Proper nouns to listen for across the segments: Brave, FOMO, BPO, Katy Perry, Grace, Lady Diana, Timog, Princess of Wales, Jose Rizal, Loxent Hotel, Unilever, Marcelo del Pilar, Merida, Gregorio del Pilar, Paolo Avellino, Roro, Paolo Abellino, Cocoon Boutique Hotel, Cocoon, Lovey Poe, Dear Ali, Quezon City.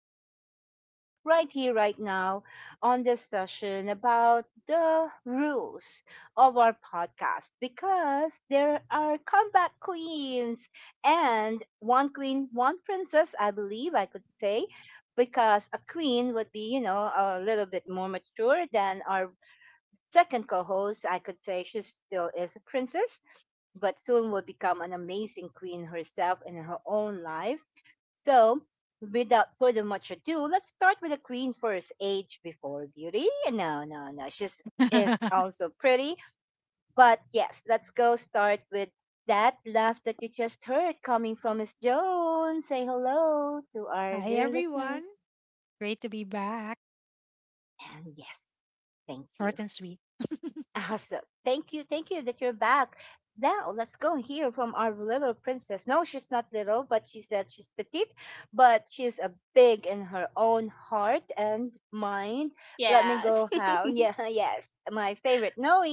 co-hosts right here, right now, on this session about the rules of our podcast because there are comeback queens and one queen, one princess, I believe I could say, because a queen would be, a little bit more mature than our second co host. I could say she still is a princess but soon will become an amazing queen herself in her own life. So, without further much ado, let's start with the queen first. Age before beauty? No, no, no. She's is also pretty, but yes, let's go start with that laugh that you just heard coming from Miss Joan. Say hello to our dear listeners, and yes, thank you. Awesome. Thank you. Thank you that you're back. Now, let's go and hear from our little princess. No, she's not little, but she said she's petite, but she's a big in her own heart and mind. Let me Yes. go how. Yeah, yes. My favorite Noe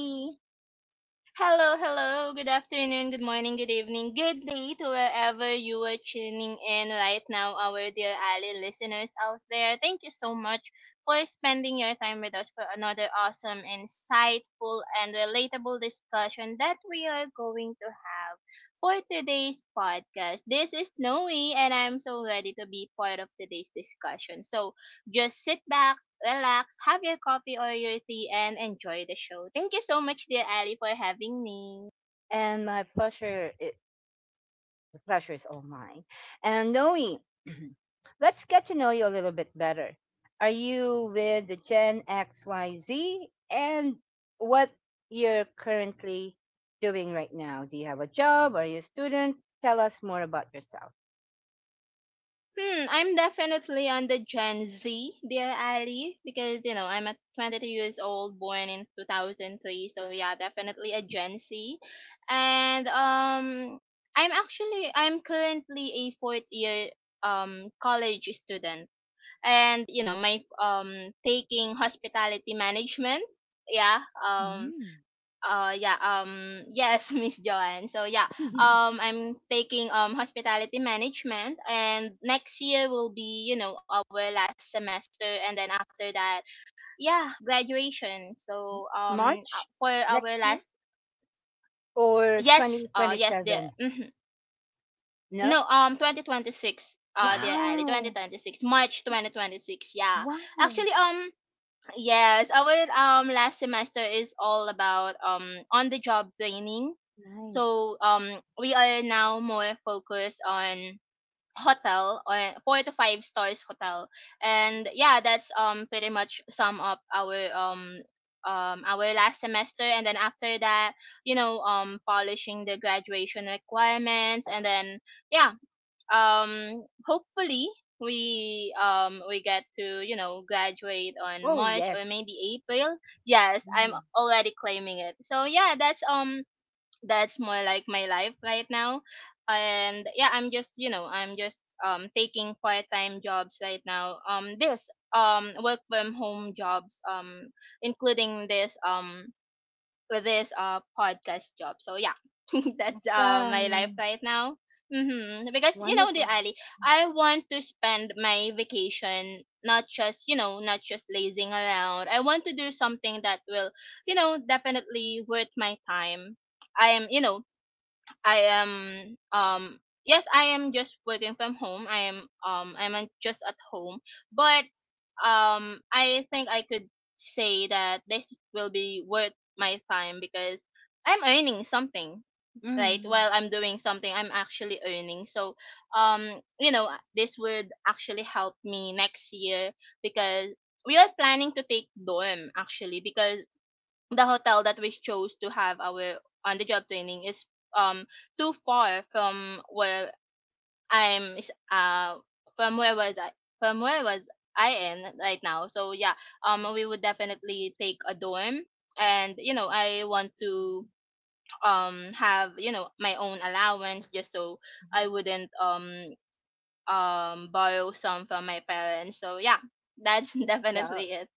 Hello, hello. Good afternoon, good morning, good evening, good day to wherever you are tuning in right now, our dear Ali listeners out there. Thank you so much for spending your time with us for another awesome, insightful, and relatable discussion that we are going to have for today's podcast. This is Noe, and I'm so ready to be part of today's discussion. So just sit back, relax, have your coffee or your tea, and enjoy the show. Thank you so much, dear Ali, for having me. and my pleasure. The pleasure is all mine. And knowing, let's get to know you a little bit better. Are you with the Gen XYZ? And what you're currently doing right now? Do you have a job? Are you a student? Tell us more about yourself. Hmm, I'm definitely on the Gen Z, dear Ali, because you know I'm at 22 years old, born in 2003, so yeah, definitely a Gen Z, and I'm currently a fourth year college student, and you know my taking hospitality management, yeah, um yeah, yes, Miss Joanne. So yeah, I'm taking hospitality management, and next year will be, you know, our last semester and then after that, yeah, graduation. So March for next our year last, or yes, yes. The 2027? mhm. No? No, 2026. Dear Ali, Wow. 2026. March 2026, yeah. Wow. Actually, yes, our last semester is all about on the job training. Nice. So we are now more focused on hotel, on 4 to 5 stars hotel. Mm. And yeah, that's pretty much sum up our last semester, and then after that, you know, polishing the graduation requirements, and then yeah, hopefully we get to, you know, graduate on Oh, March or yes. maybe April. Yes, I'm Mm. already claiming it, so yeah, that's more like my life right now. And yeah, I'm just taking part-time jobs right now, this work from home jobs, including this, with this podcast job. So yeah, that's my life Awesome. right now. Mm-hmm. Because you know, the Wonderful. Ali, I want to spend my vacation, not just, you know, not just lazing around. I want to do something that will, definitely worth my time. I am you know I am yes, I am just working from home. I'm just at home, but I think I could say that this will be worth my time because I'm earning something. Right, Mm. while I'm doing something, I'm actually earning. So, um, you know, this would actually help me next year because we are planning to take dorm actually, because the hotel that we chose to have our on the job training is um too far from where I'm is- from where was I from where was I in right now. So yeah, we would definitely take a dorm, and you know I want to have, you know, my own allowance just so I wouldn't borrow some from my parents. So yeah, that's Good job. definitely it.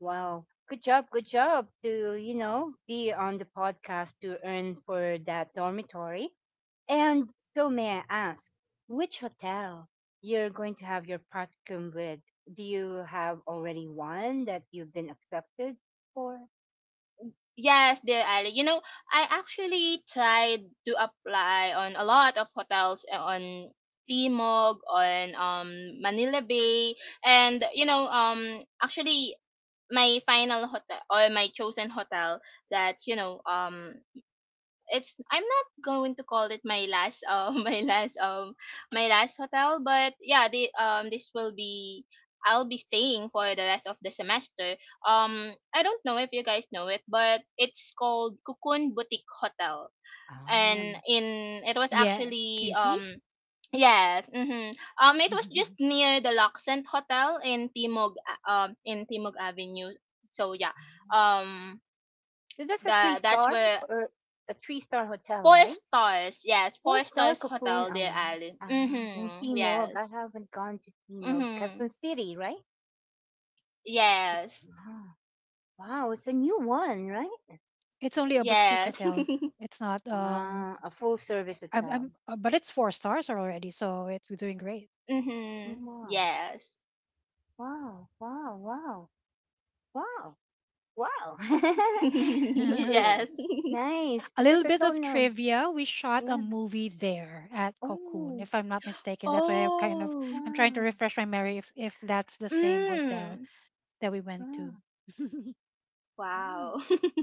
Wow. Good job. Good job to, be on the podcast to earn for that dormitory. And so may I ask, which hotel you're going to have your practicum with? Do you have already one that you've been accepted for? Yes, dear Ali. You know, I actually tried to apply on a lot of hotels, on Timog, on Manila Bay, and you know, actually, my final hotel or my chosen hotel, that you know, it's I'm not going to call it my last my last hotel, but yeah, the this will be I'll be staying for the rest of the semester. I don't know if you guys know it, but it's called Cocoon Boutique Hotel, and Um, in it was actually. Yes. Mm-hmm. It was just near the Loxent Hotel in Timog Avenue. So yeah. Um, so that's a three that's star where. or a three-star hotel, Four right? stars, yes, Four four star stars Cocoon. hotel, Deer Oh, Ali. In Mm-hmm. Timog. I Yes. haven't gone to Timog. Mm-hmm. Quezon City, Yes. right? Wow, it's a new one, right? Yes. Ah, a full service hotel. Mm-hmm. Wow, Yes. wow, wow, wow, wow, wow. Cocoon. Yes. Nice, because I don't know. Yeah. Oh, Oh. wow, Mm. wow, wow. Wow.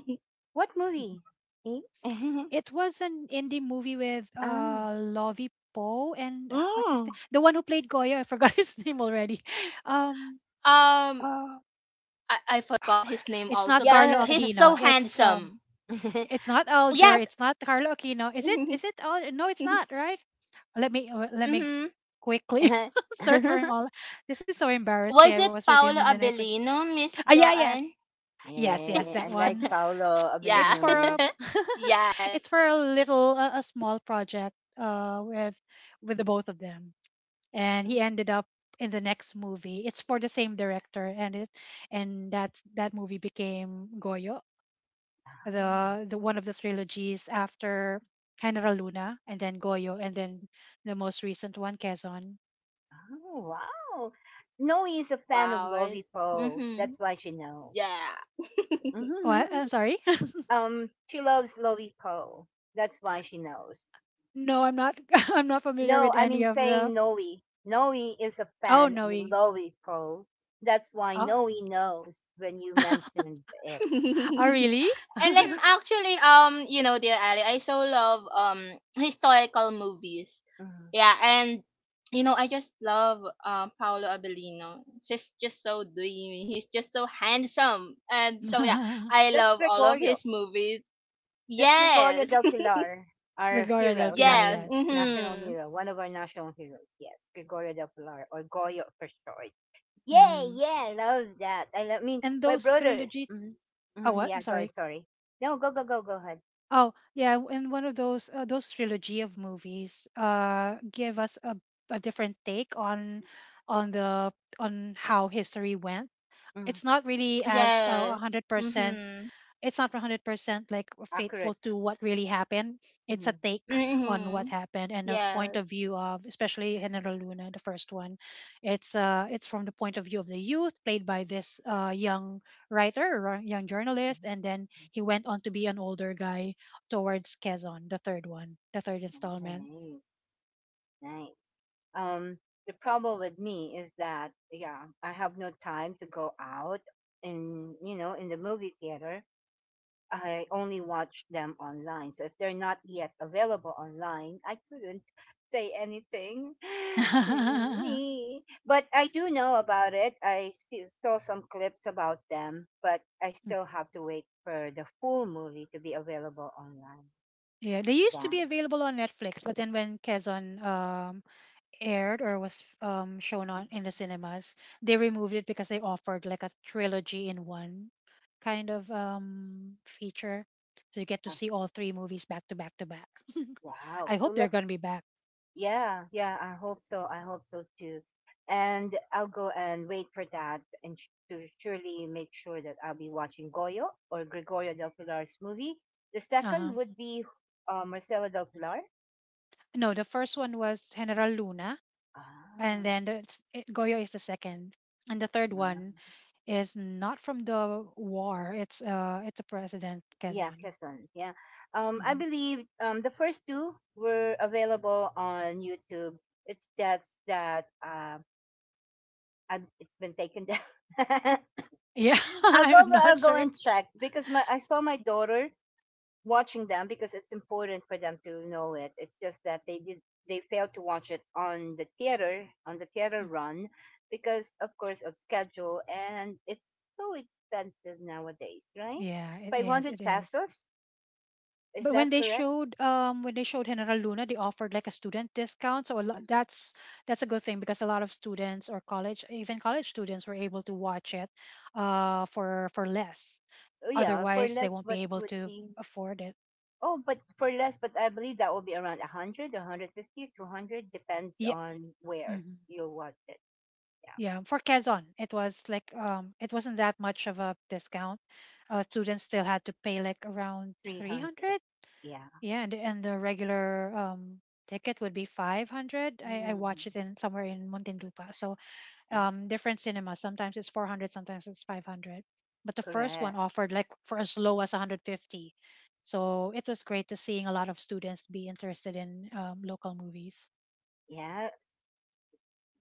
What movie? Eh? ah, mm. um I forgot his name also, but Yeah. he's so handsome. yeah, Yes. Mm-hmm. Was it Paolo Abellino, Miss Joanne? I like Paolo Yeah. Avellino. Yes. Where's- ah. Oh, wow. Noe is a fan of Wow. Lovey Poe. Mhm. That's why she knows. Yeah. Mhm. Um, she loves Lovey Poe. That's why she knows. No, I mean saying Noe. Noe is a fan of Lovey Poe. That's why Noe knows when you mentioned it. And then Yeah. actually, you know, dear Ali, I so love historical movies. Mhm. Yeah, and you know I just love Paolo Abellino. He's just so dreamy. He's just so handsome, and so yeah, Yeah. I That's love all of his Gregorio. movies. That's Gregorio Yes. del Pilar, our hero, Yes. national national Mhm. hero, one of our national heroes. Yes, Gregorio del Pilar or Goyo for short. Yeah, yeah, I love that. I, lo- I mean, my brother. Hmm hmm yeah, go ahead. Sorry. No, go, go, go, go ahead. Mm, Yes. Mhm. accurate. Hmm. Mhm. Yes. Nice, nice. Um, the problem with me is that yeah, I have no time to go out and in the movie theater I only watch them online. So if they're not yet available online, I couldn't say anything. Mm, Me. But I do know about it. I still saw some clips about them, but I still have to wait for the full movie to be available online. Yeah. Mhm. As- Wow. So let's Yeah, yeah, I hope so. I hope so too. And I'll go and wait for that and sh- to surely make sure that I'll be watching Goyo or Gregorio del Pilar's movie. The second would be Marcelo del Pilar. Ah, ah. Yeah, Quezon. Yeah. I believe the first two were available on YouTube. It's that's that I it's been taken down. I'll go. I'll go and check because my I saw my daughter watching them because it's important for them to know it. It's just that they did they failed to watch it on the theater run because of course of schedule and it's so expensive nowadays, right? 500 pesos, is that correct? Uh, Oh yeah, for less what would be oh but for less but I believe that will be around a hundred 50, 200, depends on where you watch it. Yeah. 300. Yeah. Mm, yeah. Correct. Yeah,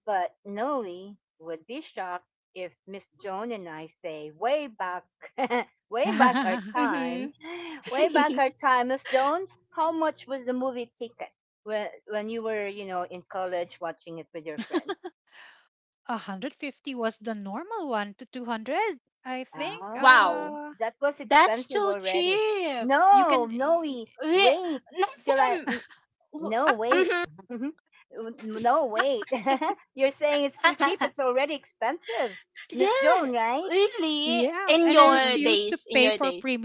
but Noe would be shocked if Miss Joan and I say, way back, way back our time, Mhm. way back our time, Miss Joan, how much was the movie ticket when you were, in college watching it with your friends? Oh, Wow. that was That's expensive too already. cheap. No, Noe, Re- wait Not for till I, a n- no, wait. m- N- no, wait. You're saying it's too cheap. It's already expensive. Miss yeah, Joan, right? really. In Mm. your Mm. days, in your days.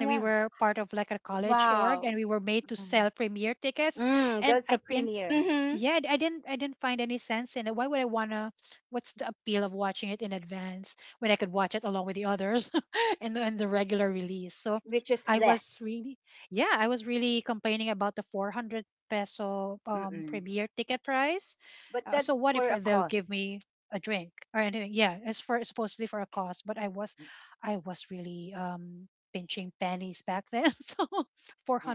Yeah. Wow. Mm. Mm, that's a premier, Mhm. which is less. Mm-mm. But that's for a cost. Mm, yeah.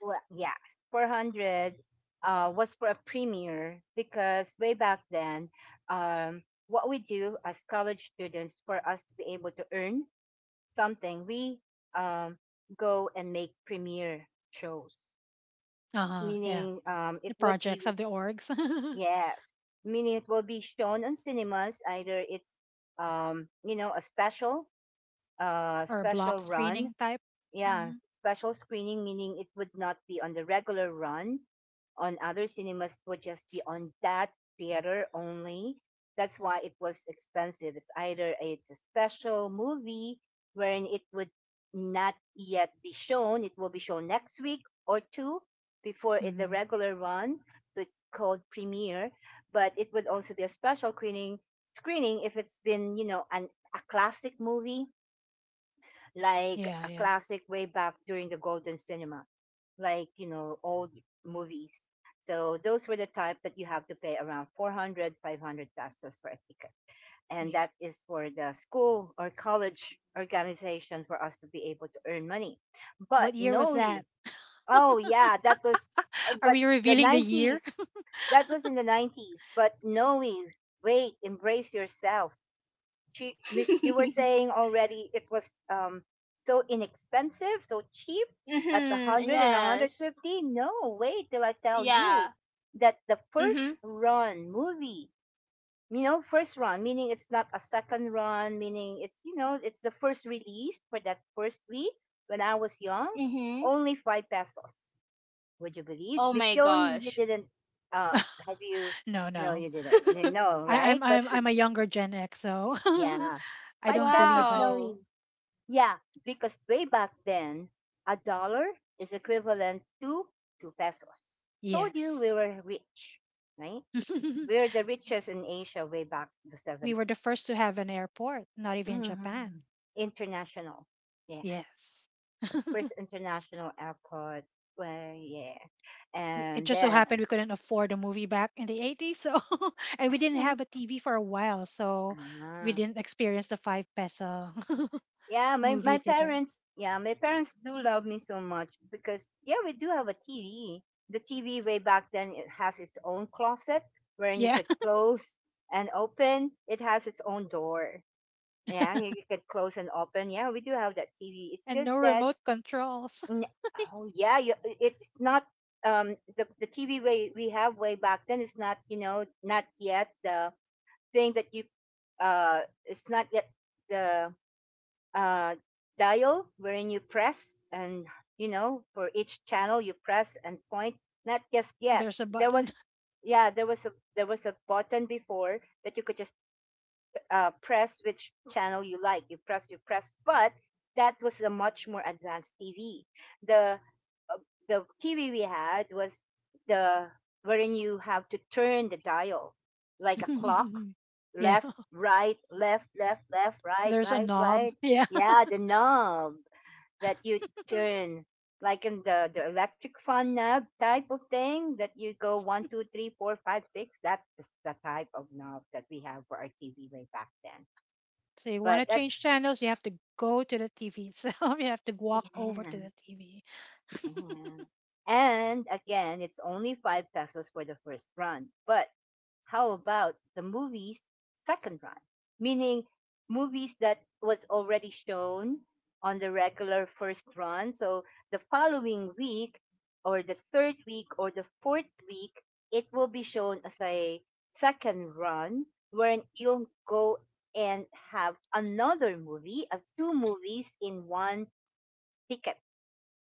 Well, yeah. 400 was for a premier because way back then, um, what we do as college students for us to be able to earn something, we um, go and make premier shows, meaning it would be yes, meaning it will be shown on cinemas. Either it's a special, special run yeah, special screening meaning it would not be on the regular run on other cinemas, it would just be on that theater only. That's why it was expensive. It's either it's a special movie wherein it would not yet be shown, it will be shown next week or two before it, the regular run. So it's called premiere, but it would also be a special screening if it's been, an a classic movie like a classic way back during the golden cinema, like old movies. So those were the type that you have to pay around 400, 500 pesos for a ticket, and that is for the school or college organization for us to be able to earn money. But Noe, oh yeah, that was, oh, but the 90s. That was in the 90s. But Noe, wait, embrace yourself. She miss you were saying already it was so inexpensive so cheap at the Mhm. 100 and Yes. 150. No wait till I tell you Yeah. that the first Mhm. run movie, first run meaning it's not a second run meaning it's, it's the first release for that first week when I was young, Mhm. only five pesos. Would you believe Oh Miss my Joan? You gosh. didn't uh have you no you didn't no right but yeah, five pesos. No Wow. yeah, because way back then, a dollar is equivalent to two pesos. Told you we were rich, right? We were the richest in Asia way back the 70s. Mhm. International. Yeah. First international airport. Well, yeah. And then, ah, yeah, my parents, yeah, my parents do love me so much because, yeah, we do have a TV. The TV way back then, it has its own closet wherein you could close and open. It has its own door. Yeah, you could close and open. Yeah, we do have that TV. It's just that, n- oh, yeah, you, it's not, the TV way we have way back then is not, not yet the thing that you, uh, it's not yet the uh, dial wherein you press and for each channel you press and point. Not just yet there was yeah there was a button before that you could just press which channel you like you press but that was a much more advanced TV. The the TV we had was the wherein you have to turn the dial like a clock, left, right, left, left, left, right, right, right. Yeah, the knob that you turn like in the electric fan knob type of thing that you go one, two, three, four, five, six. That's the type of knob that we have for our TV way back then. But that yeah. Mhm. And again, it's only 5 pesos for the first run. But how about the movie's second run? Meaning movies that was already shown on the regular first run. So the following week or the third week or the fourth week, it will be shown as a second run wherein you'll go and have another movie, two movies in one ticket.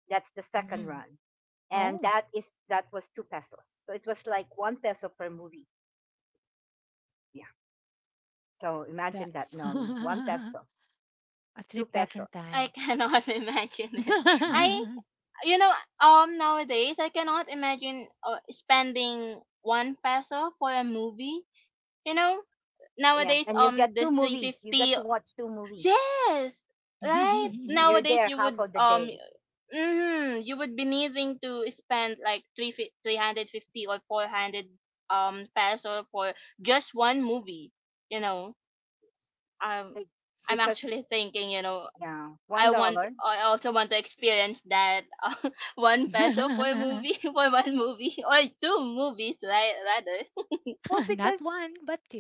That's the second run. And that is that was two pesos. So it was like one peso per movie. Yeah. So imagine that, Noli. One peso, two pesos. I cannot imagine it. Yeah. I, you know, nowadays I cannot imagine, spending 1 peso for a movie. You know, Yeah. nowadays, And you get this two movies. You 350. get to watch two movies. Yes, right, Mhm. You're nowadays, there you half would of the um day. mm, you would be needing to spend like 3 350 or 400 peso for just one movie, you know. um Be- I'm Because actually thinking, you know, yeah, one I want, dollar. I also want to experience that, 1 peso for a movie, for one movie, or two movies, right, rather. Well, because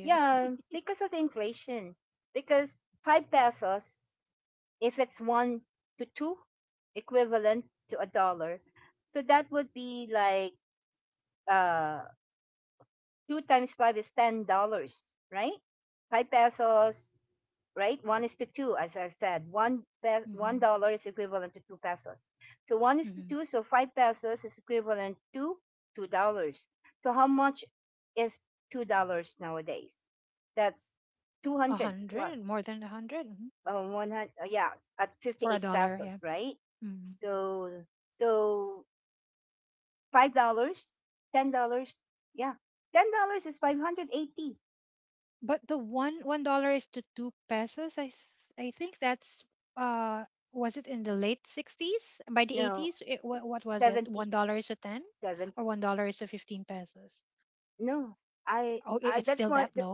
yeah, because of the inflation. Because five pesos, if it's one to two, equivalent to a dollar. So that would be like uh two times five is $10, right? Five pesos, right? One is to two, as I said. $1 is equivalent to two pesos. So one is to two, so five pesos is equivalent to $2. So how much is $2 nowadays? That's 200 plus 100. Yeah, at 58 pesos, right? So so $5, $10, yeah, $10 is 580. No, 70 seventy. No, I that's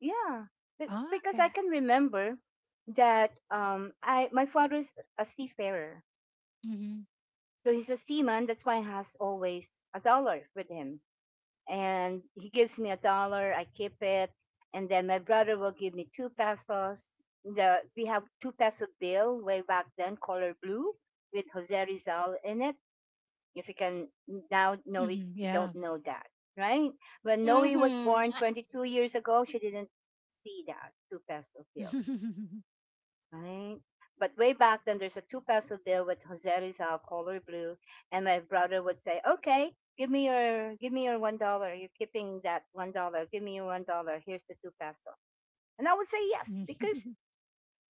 yeah, be- because I can remember that I my father's a seafarer, so he's a seaman. That's why he has always a dollar with him, and he gives me a dollar. I keep it, and then my brother will give me two pesos. The We have two peso bill way back then, color blue, with Jose Rizal in it. If you can now know it, don't know that, right? When Noe was Mhm. born 22 years ago, she didn't see that two peso bill, right? But way back then, there's a two peso bill with Jose Rizal color blue, and my brother would say, "Okay, give me your $1. You're keeping that $1. Give me your $1. Here's the two peso." And I would say yes because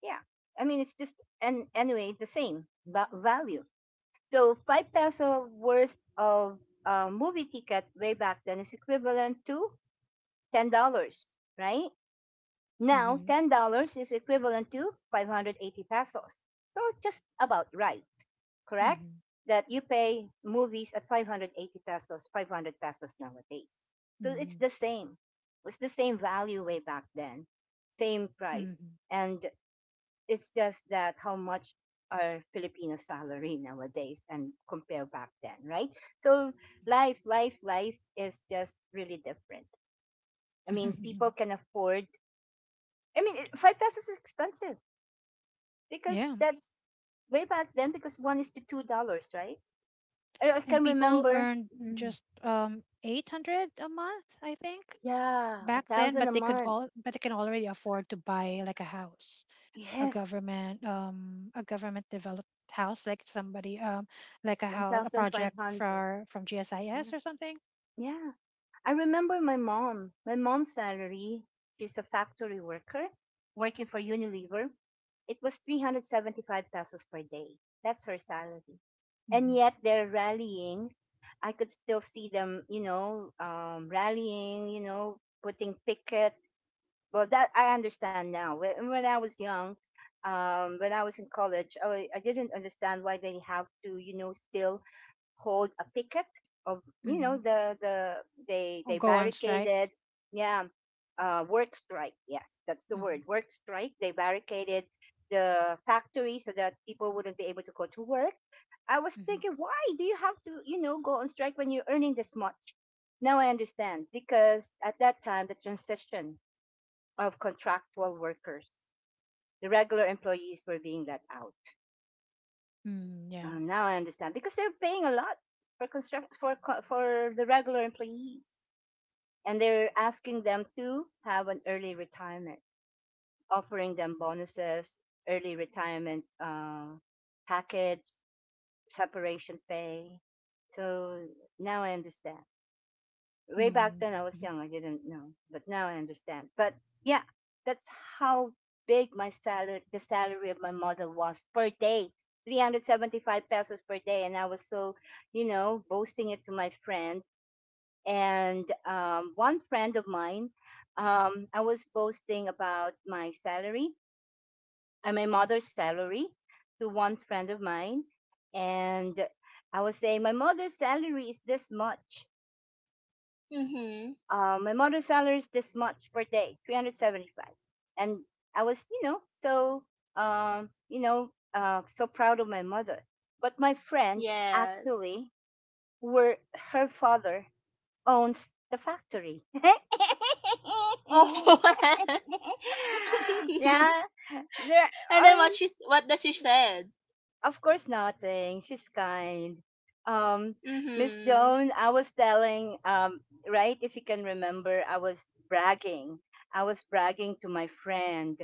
yeah, I mean it's just, and anyway, the same value. So five peso worth of movie ticket way back then is equivalent to $10, right? Now $10 is equivalent to 580 pesos. So just about right, correct? That you pay movies at 580 pesos, 500 pesos nowadays. So it's the same. It's the same value way back then, same price, and it's just that how much are Filipino salary nowadays and compare back then, right? So life is just really different. I mean, people can afford. I mean, five pesos is expensive because that's way back then because one is to $2, right? I can remember. Mm. Yeah, a thousand a month. Yes, 1,500. Yeah, yeah. I remember my mom. My mom's salary, she's a factory worker working for Unilever. It was 375 pesos per day. That's her salary. And yet they're rallying. I could still see them, rallying, putting picket. Well, that I understand now. When I was young, when I was in college, I didn't understand why they have to, still hold a picket of they barricaded, yeah, work strike. Yes, that's the word, work strike. They barricaded the factory so that people wouldn't be able to go to work. I was thinking, why do you have to, you know, go on strike when you're earning this much? Now I understand because at that time the transition of contractual workers, the regular employees were being let out. Now I understand because they're paying a lot for construct for the regular employees, and they're asking them to have an early retirement, offering them bonuses, early retirement, package, separation pay. So now I understand. Way back then I was young, I didn't know, but now I understand. But yeah, that's how big my salary, the salary of my mother was per day, 375 pesos per day. And I was so, you know, boasting it to my friend. And one friend of mine, I was boasting about my salary and my mother's salary to one friend of mine. And I was saying, my mother's salary is this much. Mhm. My mother's salary is this much per day, 375. And I was, you know, so, so proud of my mother. But my friend, Yes. actually, were her father owns the factory. Oh. Yeah, there. And I then, mean, what she, what does she said? of course, nothing. She's kind. Um, Miss Mm-hmm. Joan, I was telling, right, if you can remember, I was bragging. I was bragging to my friend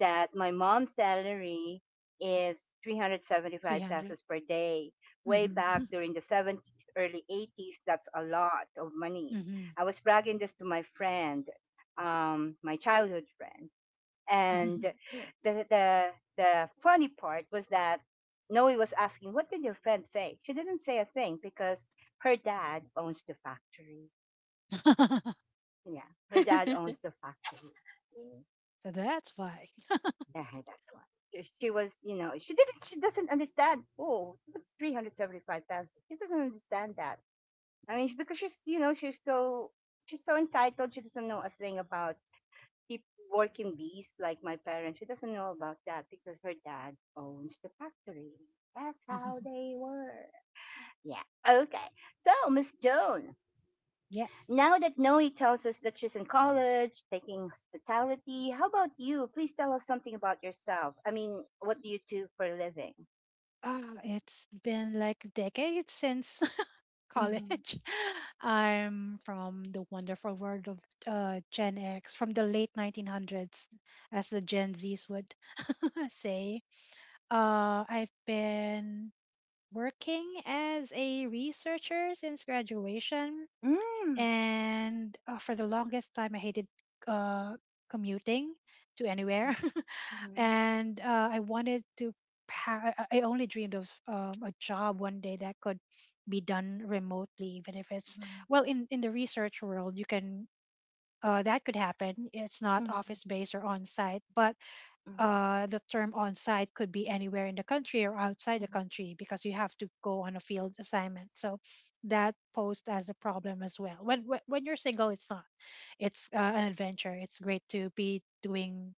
that my mom's salary is 375 300. pesos per day. Way Mm-hmm. back during the 70s, early 80s, that's a lot of money. I was bragging this to my friend, my childhood friend. And Mm-hmm. the funny part was that Noe was asking, "What did your friend say?" She didn't say a thing because her dad owns the factory. Yeah, her dad owns the factory. Mm. So that's why. Yeah, that's why. She was, you know, she didn't. She doesn't understand. Oh, it's 375,000. She doesn't understand that. I mean, because she's, you know, she's so entitled. She doesn't know a thing about keep working bees like my parents. She doesn't know about that because her dad owns the factory. That's how they were. Yeah. Okay. So, Miss Joan, Yes. now that Noe tells us that she's in college, taking hospitality, how about you? Please tell us something about yourself. I mean, what do you do for a living? It's been like decades since Mhm, college. I'm from the wonderful world of Gen X, from the late 1900s, as the Gen Zs would say. I've been working as a researcher since graduation and for the longest time I hated uh, commuting to anywhere and I wanted to I only dreamed of a job one day that could be done remotely even if it's mhm, well in the research world you can that could happen. It's not mhm, office based or on site, but mhm, the term on site could be anywhere in the country or outside the mhm. country because you have to go on a field assignment. So that posed as a problem as well. When you're single, it's not. It's an adventure. It's great to be doing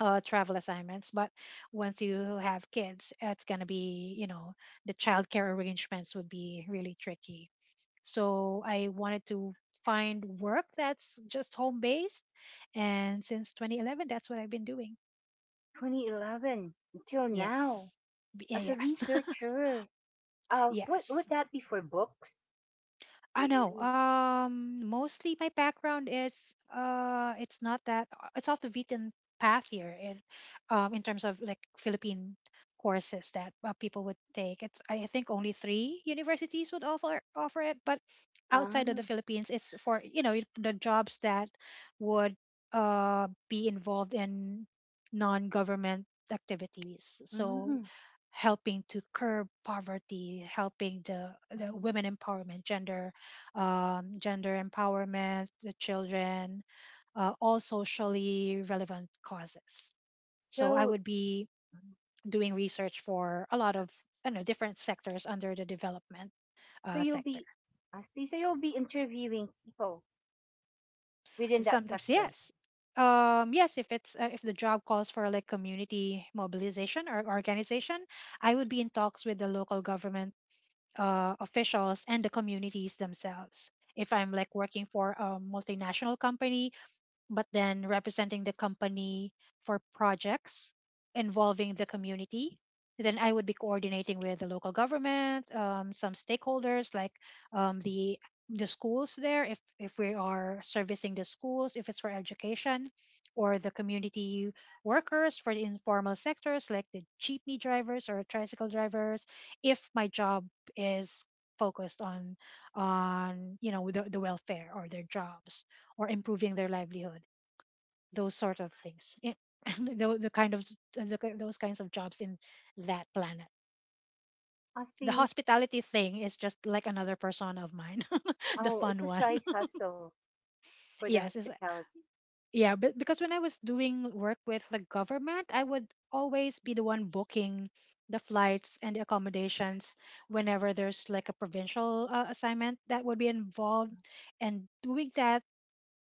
travel assignments, but once you have kids, it's gonna be, you know, the childcare arrangements would be really tricky. So I wanted to find work that's just home based, and since 2011, that's what I've been doing. 2011 until now Yes. As a Yes. researcher. What Yes. would that be for books? Do I you know. read? Mostly my background is it's not that it's off the beaten path here in terms of like Philippine courses that people would take. It's I think only three universities would offer it, but outside of the Ah. Philippines, it's for, you know, the jobs that would be involved in non-government activities. So Mhm. helping to curb poverty, helping the Wow. women empowerment, gender gender empowerment, the children, all socially relevant causes. So I So, would be doing research for a lot of, I don't know, different sectors under the development so you'll sector. be, I see. So you'll be interviewing people within that Sometimes sector. yes, yes, if it's if the job calls for like community mobilization or organization, I would be in talks with the local government officials and the communities themselves. If I'm like working for a multinational company, but then representing the company for projects involving the community. Then I would be coordinating with the local government, some stakeholders like um, the the schools there, if we are servicing the schools, if it's for education, or the community workers for the informal sectors like the jeepney drivers or tricycle drivers. If my job is focused on, you know, the welfare or their jobs or improving their livelihood, those sort of things the kind of those kinds of jobs in that planet. I The see. hospitality thing is just like another persona of mine. The Oh, it's fun a one. side hustle for the Yes it's, hospitality. yeah, but because when I was doing work with the government, I would always be the one booking the flights and the accommodations whenever there's like a provincial assignment that would be involved. And doing that,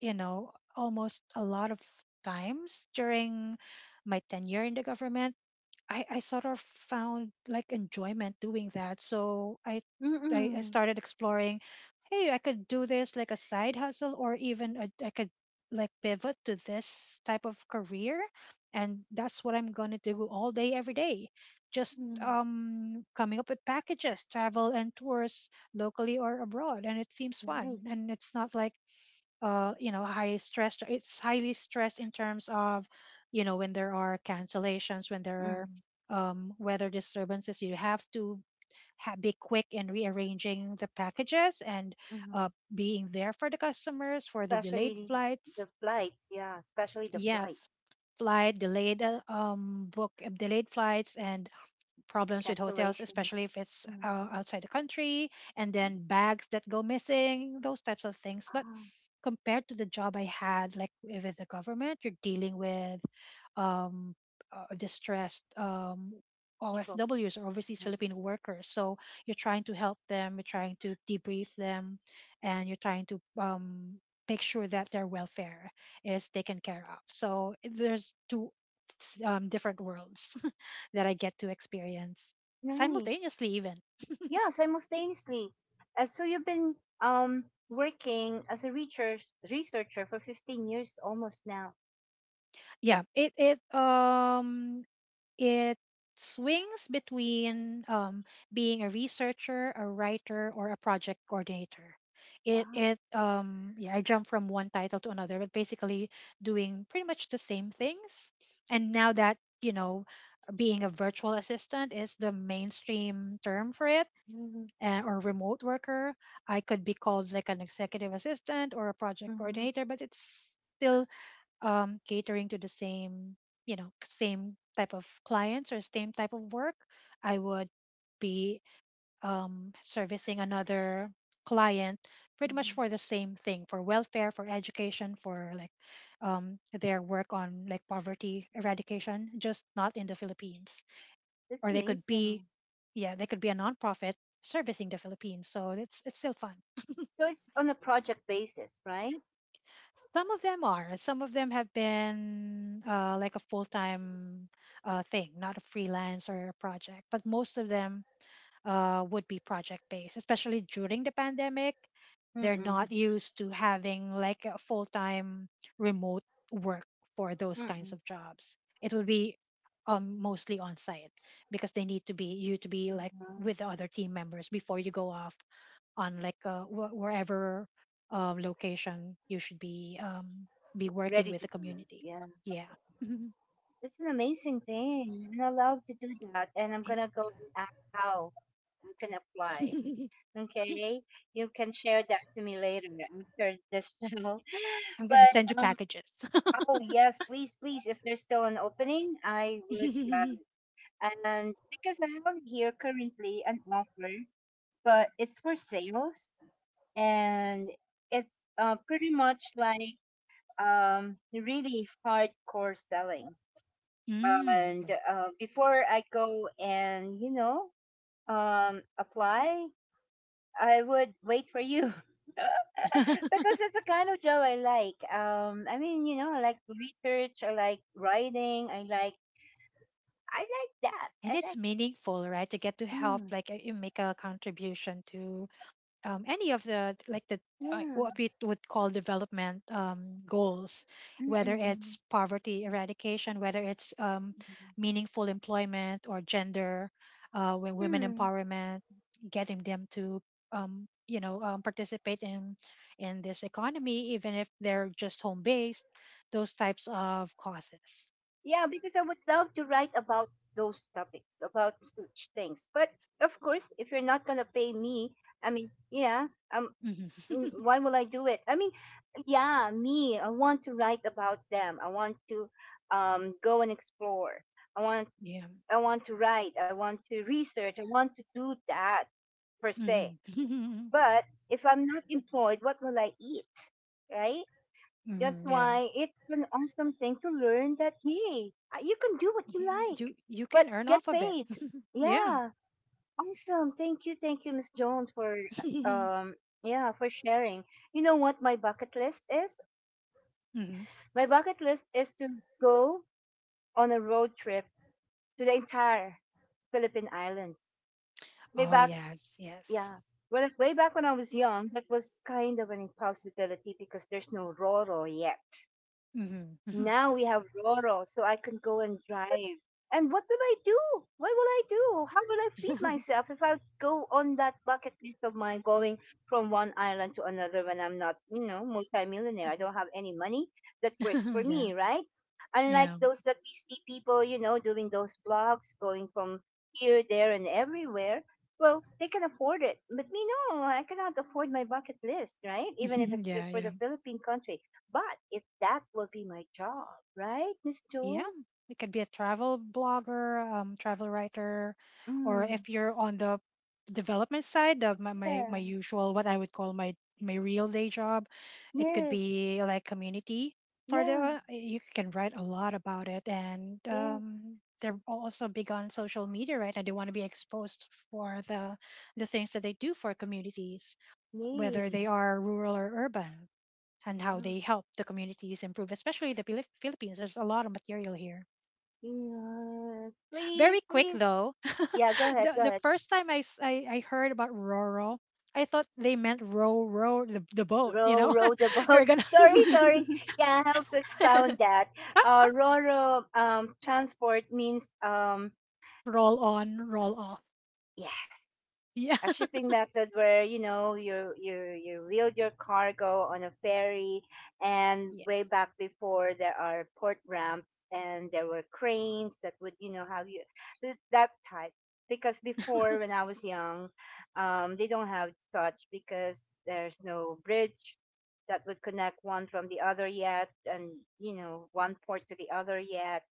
you know, almost a lot of times during my tenure in the government, I sort of found like enjoyment doing that. So I, I Mm-mm. started exploring, hey, I could do this like a side hustle, or even a, I could like pivot to this type of career, and that's what I'm gonna do all day, every day. Just Mm. Coming up with packages, travel and tours locally or abroad, and it seems fun. Nice. And it's not like you know high stress. It's highly stressed in terms of, you know, when there are cancellations, when there are Mm. Weather disturbances. You have to be quick in rearranging the packages and uh, Mm-hmm. being there for the customers for the delayed Especially flights. the flights. Yeah, especially the flights, Yes, flight delayed book delayed flights and problems with hotels, cancellations. especially if it's Mm. Outside the country, and Mm. then bags that go missing, those types of things. But Ah, compared to the job I had, like with the government, you're dealing with um, distressed people. OFWs, or overseas Mm. Filipino workers. So you're trying to help them, you're trying to debrief them, and you're trying to make sure that their welfare is taken care of. So there's two different worlds that I get to experience Nice. simultaneously, even. Yeah, simultaneously. So you've been working as a researcher for 15 years almost now. Yeah, it it swings between being a researcher, a writer, or a project coordinator. It Wow. Yeah, I jump from one title to another, but basically doing pretty much the same things. And now that, you know, being a virtual assistant is the mainstream term for it, Hmm, or remote worker. I could be called like an executive assistant or a project hmm, coordinator, but it's still catering to the same, you know, same type of clients or same type of work. I would be servicing another client pretty much hmm. for the same thing, for welfare, for education, for like their work on like poverty eradication, just not in the Philippines. That's Or they could be, amazing. yeah, they could be a nonprofit servicing the Philippines. So it's still fun. So it's on a project basis, right? Some of them are. Some of them have been like a full time thing, not a freelance or a project. But most of them would be project based, especially during the pandemic. They're not Mm-mm. used to having like a full time remote work for those kinds Mm-mm. of jobs. It would be mostly on site because they need to be, you to be like Mm. with the other team members before you go off on like wherever location you should be working Ready with to the go. community. Yeah. Yeah. That's an amazing thing. I'm allowed to do that. And I'm Eh, going to go and ask how I can apply. Okay. You can share that to me later after this show. I'm gonna But send you packages. oh yes, please, please. If there's still an opening, I would grab mm, it. And because I have here currently an offer, but it's for sales, and it's pretty much like really hardcore selling. And okay. Before I go and, you know, apply, I would wait for you. Because it's the kind of job I like. I mean, you know, I like research, I like writing, I like that. And it's meaningful, right? You get to help, mm, like you make a contribution to any of the like the what yeah, we would call development goals, whether mm-mm, it's poverty eradication, whether it's meaningful employment or gender, women mm. empowerment, getting them to you know participate in this economy, even if they're just home based, those types of causes. Yeah, because I would love to write about those topics, about such things. But of course, if you're not gonna pay me, I mean, yeah, um, Mhm. Why will I do it? I mean, yeah, me, I want to write about them. Go and explore. I want, Yeah. I want to write. I want to research. I want to do that per se. Hmm hmm. But if I'm not employed, what will I eat? Right? That's Yeah. why it's an awesome thing to learn that hey, you can do what you like, You you can but earn get off of it. paid. Yeah. Yeah, awesome. Thank you, Miss Jones, for um, yeah, for sharing. You know what my bucket list is? Hmm. My bucket list is to go on a road trip to the entire Philippine Islands. Way Oh back, yes, yes. yeah. Well, way back when I was young, that was kind of an impossibility because there's no Roro yet. Hmm. Now we have Roro, so I can go and drive. And what will I do? What will I do? How will I feed myself if I go on that bucket list of mine going from one island to another when I'm not, you know, multimillionaire? I don't have any money. That works for Yeah, me, right? yeah. Unlike those that we see people, you know, doing those blogs, going from here, there, and everywhere. Well, they can afford it. But me, no, I cannot afford my bucket list, right? Even if it's Yeah, just for yeah. the Philippine country. But if that will be my job, right, Miss Yeah, Jewel? you could be a travel blogger, travel writer, or Mm. if you're on the development side, of my my Yeah. usual what I would call my my real day job, it could Yes. be like community for Yeah. the. You can write a lot about it, and Yes. They're also big on social media, right? And they want to be exposed for the things that they do for communities, whether Me. they are rural or urban, and how Yeah. they help the communities improve, especially the Philippines. There's a lot of material here. Yes. Very Please, quick please. though. Yeah, go ahead, the go the ahead. first time I heard about Roro, I thought they meant row row the boat, you Row, know? row the You're boat. gonna Sorry, sorry. Yeah, I have to expound that. Roro transport means roll on, roll off. yes, Yeah. a shipping method where you wheel your cargo on a ferry. And Yeah. way back before, there are port ramps and there were cranes that would, you know, have you that type. Because before, when I was young, they don't have such because there's no bridge that would connect one from the other yet, and you know, one port to the other yet.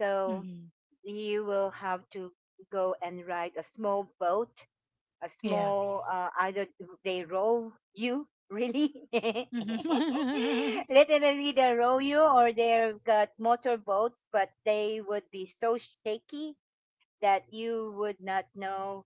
So Hmm. you will have to go and ride a small boat, a Yeah. small either they row you, really, Mhm. literally they row you, or they've got motor boats but they would be so shaky that you would not know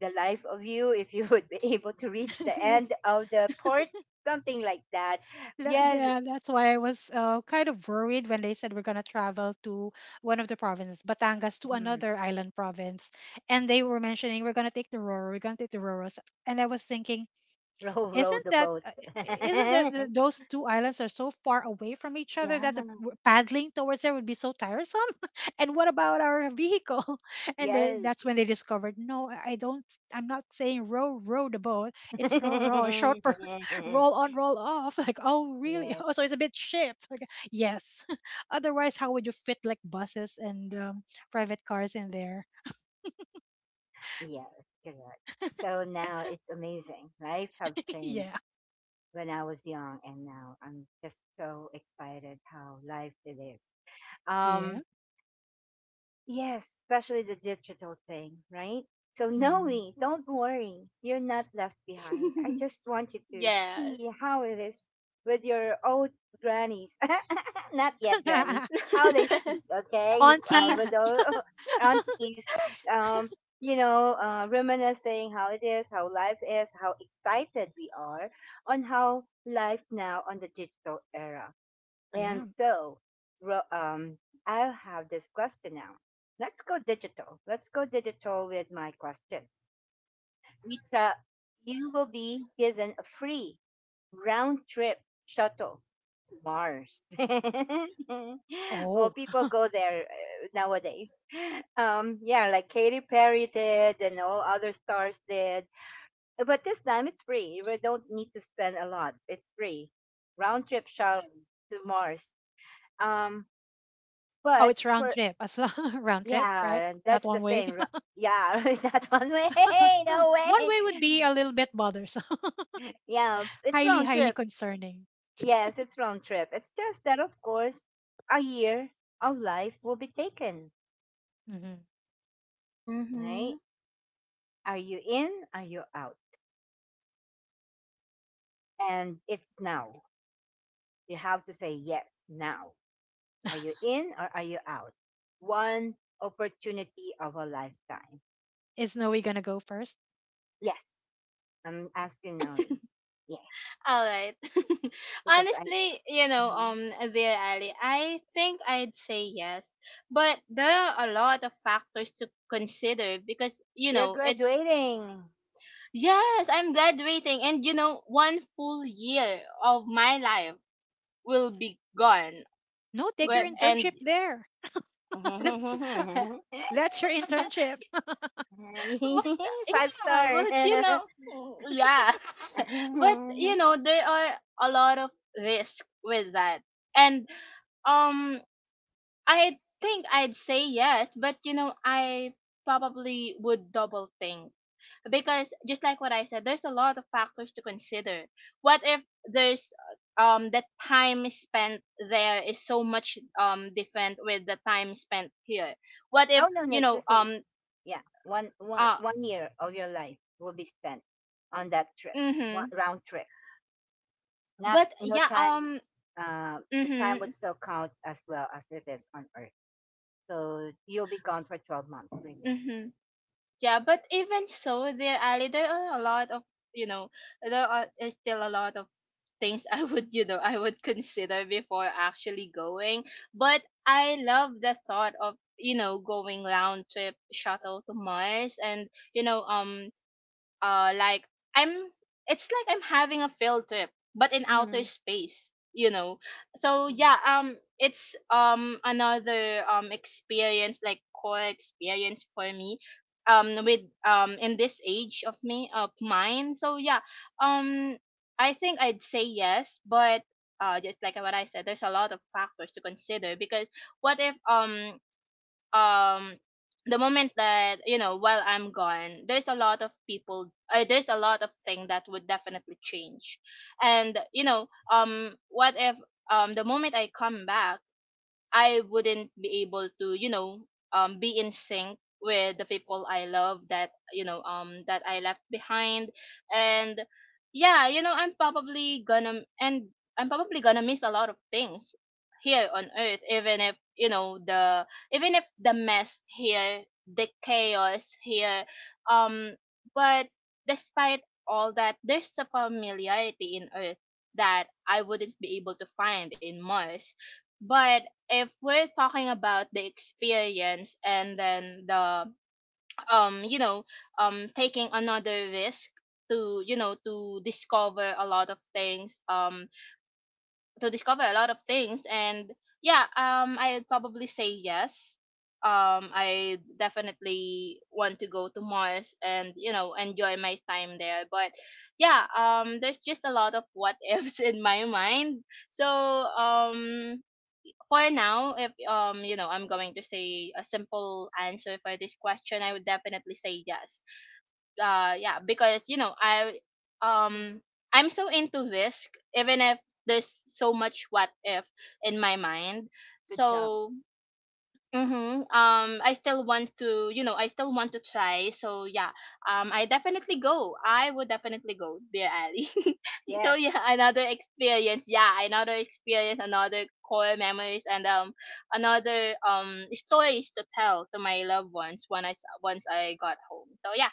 the life of you if you would be able to reach the end of the port. Something like that. That- Yes. yeah, that's why I was kind of worried when they said we're gonna travel to one of the provinces, Batangas, to mm, another island province, and they were mentioning we're gonna take the Roro, we're gonna take the Roros, and I was thinking, Row row isn't the that boat. Isn't there those two islands are so far away from each other Yeah. that the paddling towards there would be so tiresome? And what about our vehicle? And they, Yes. that's when they discovered no, I don't. I'm not saying row row the boat. It's row row short for roll on roll off. Like oh really? Yes. Oh, so it's a bit ship. Like yes. Otherwise, how would you fit like buses and private cars in there? Yes, correct. So now it's amazing. Life have changed Yeah. when I was young, and now I'm just so excited how life it is. Yeah. Um Yes, especially the digital thing, right? So Mm. Noe, don't worry, you're not left behind. I just want you to Yes. see how it is with your old grannies, not yet grannies, how they speak, okay? With Aunties. the aunties, um, you know, reminiscing how it is, how life is, how excited we are on how life now on the digital era. And Yeah. so, ro- um, I'll have this question now. Let's go digital. Let's go digital with my question. Rita, you will be given a free round trip shuttle to Mars. Well, Oh. people go there nowadays. Yeah, like Katy Perry did and all other stars did. But this time it's free. We don't need to spend a lot. It's free. Round trip shuttle to Mars. Um, Oh, but it's round for trip, as long round trip, right? Yeah, Not that's the one way. thing. Yeah, right, that one way. No One way. way would be a little bit bothersome. Yeah, it's Highly, round highly trip. concerning. Yes, it's round trip. It's just that, of course, a year of life will be taken, Hmm. right? Mm-hmm. Are you in? Are you out? And it's now. You have to say yes now. Are you in or are you out? One opportunity of a lifetime. Is Noe gonna go first? Yes, I'm asking Ollie. Yeah, All right. because I, Honestly, you know, Mhm. Dear Ali, I think I'd say yes, but there are a lot of factors to consider because you You're know it's, graduating. yes, I'm graduating, and you know, one full year of my life will be gone. No, take Well, your Mm-hmm. and internship there. but That's your internship. Five yeah, star. but you know, mm, yeah, but you Oh, know, there are a lot of risk with that, and um, I think I'd say yes, but you know, I probably would double think because just like what I said, there's a lot of factors to consider. What if there's the time spent there is so much different with the time spent here? What if no, no, you it's the know same. Yeah, one one uh one year of your life will be spent on that trip, one Mm-hmm. round trip. Not But no yeah, time. The time mm-hmm, would still count as well as it is on Earth. So you'll be gone for 12 months, really. mm-hmm. Yeah, but even so, there are a lot of, you know, there are is still a lot of things I would, you know, I would consider before actually going. But I love the thought of, you know, going round trip shuttle to Mars, and you know, like, I'm it's like I'm having a field trip, but in outer Mm-hmm. space, you know. So yeah, it's another experience, like core experience for me, with, in this age of me, of mine. So yeah, um I think I'd say yes, but just like what I said, there's a lot of factors to consider, because what if, um the moment that, you know, while I'm gone, there's a lot of people, there's a lot of thing that would definitely change, and you know, what if, the moment I come back, I wouldn't be able to, you know, be in sync with the people I love, that you know, that I left behind, and yeah, you know, I'm probably gonna miss a lot of things here on Earth, even if you know, the even if the mess here, the chaos here, um, but despite all that, there's a familiarity in Earth that I wouldn't be able to find in Mars. But if we're talking about the experience, and then the, you know, taking another risk to, you know, to discover a lot of things, to discover a lot of things and yeah, I'd probably say yes. I definitely want to go to Mars and, you know, enjoy my time there, but yeah, there's just a lot of what ifs in my mind. So for now, if, you know, I'm going to say a simple answer for this question, I would definitely say yes. Yeah, because you know I, um I'm so into risk, even if there's so much what if in my mind. Good job. So mm-hmm. I still want to, you know, I still want to try. So yeah, I definitely go. I would definitely go, dear Ali. So Yes. yeah, another experience. Yeah, another experience, another core memories, and, another stories to tell to my loved ones when once I got home. So yeah,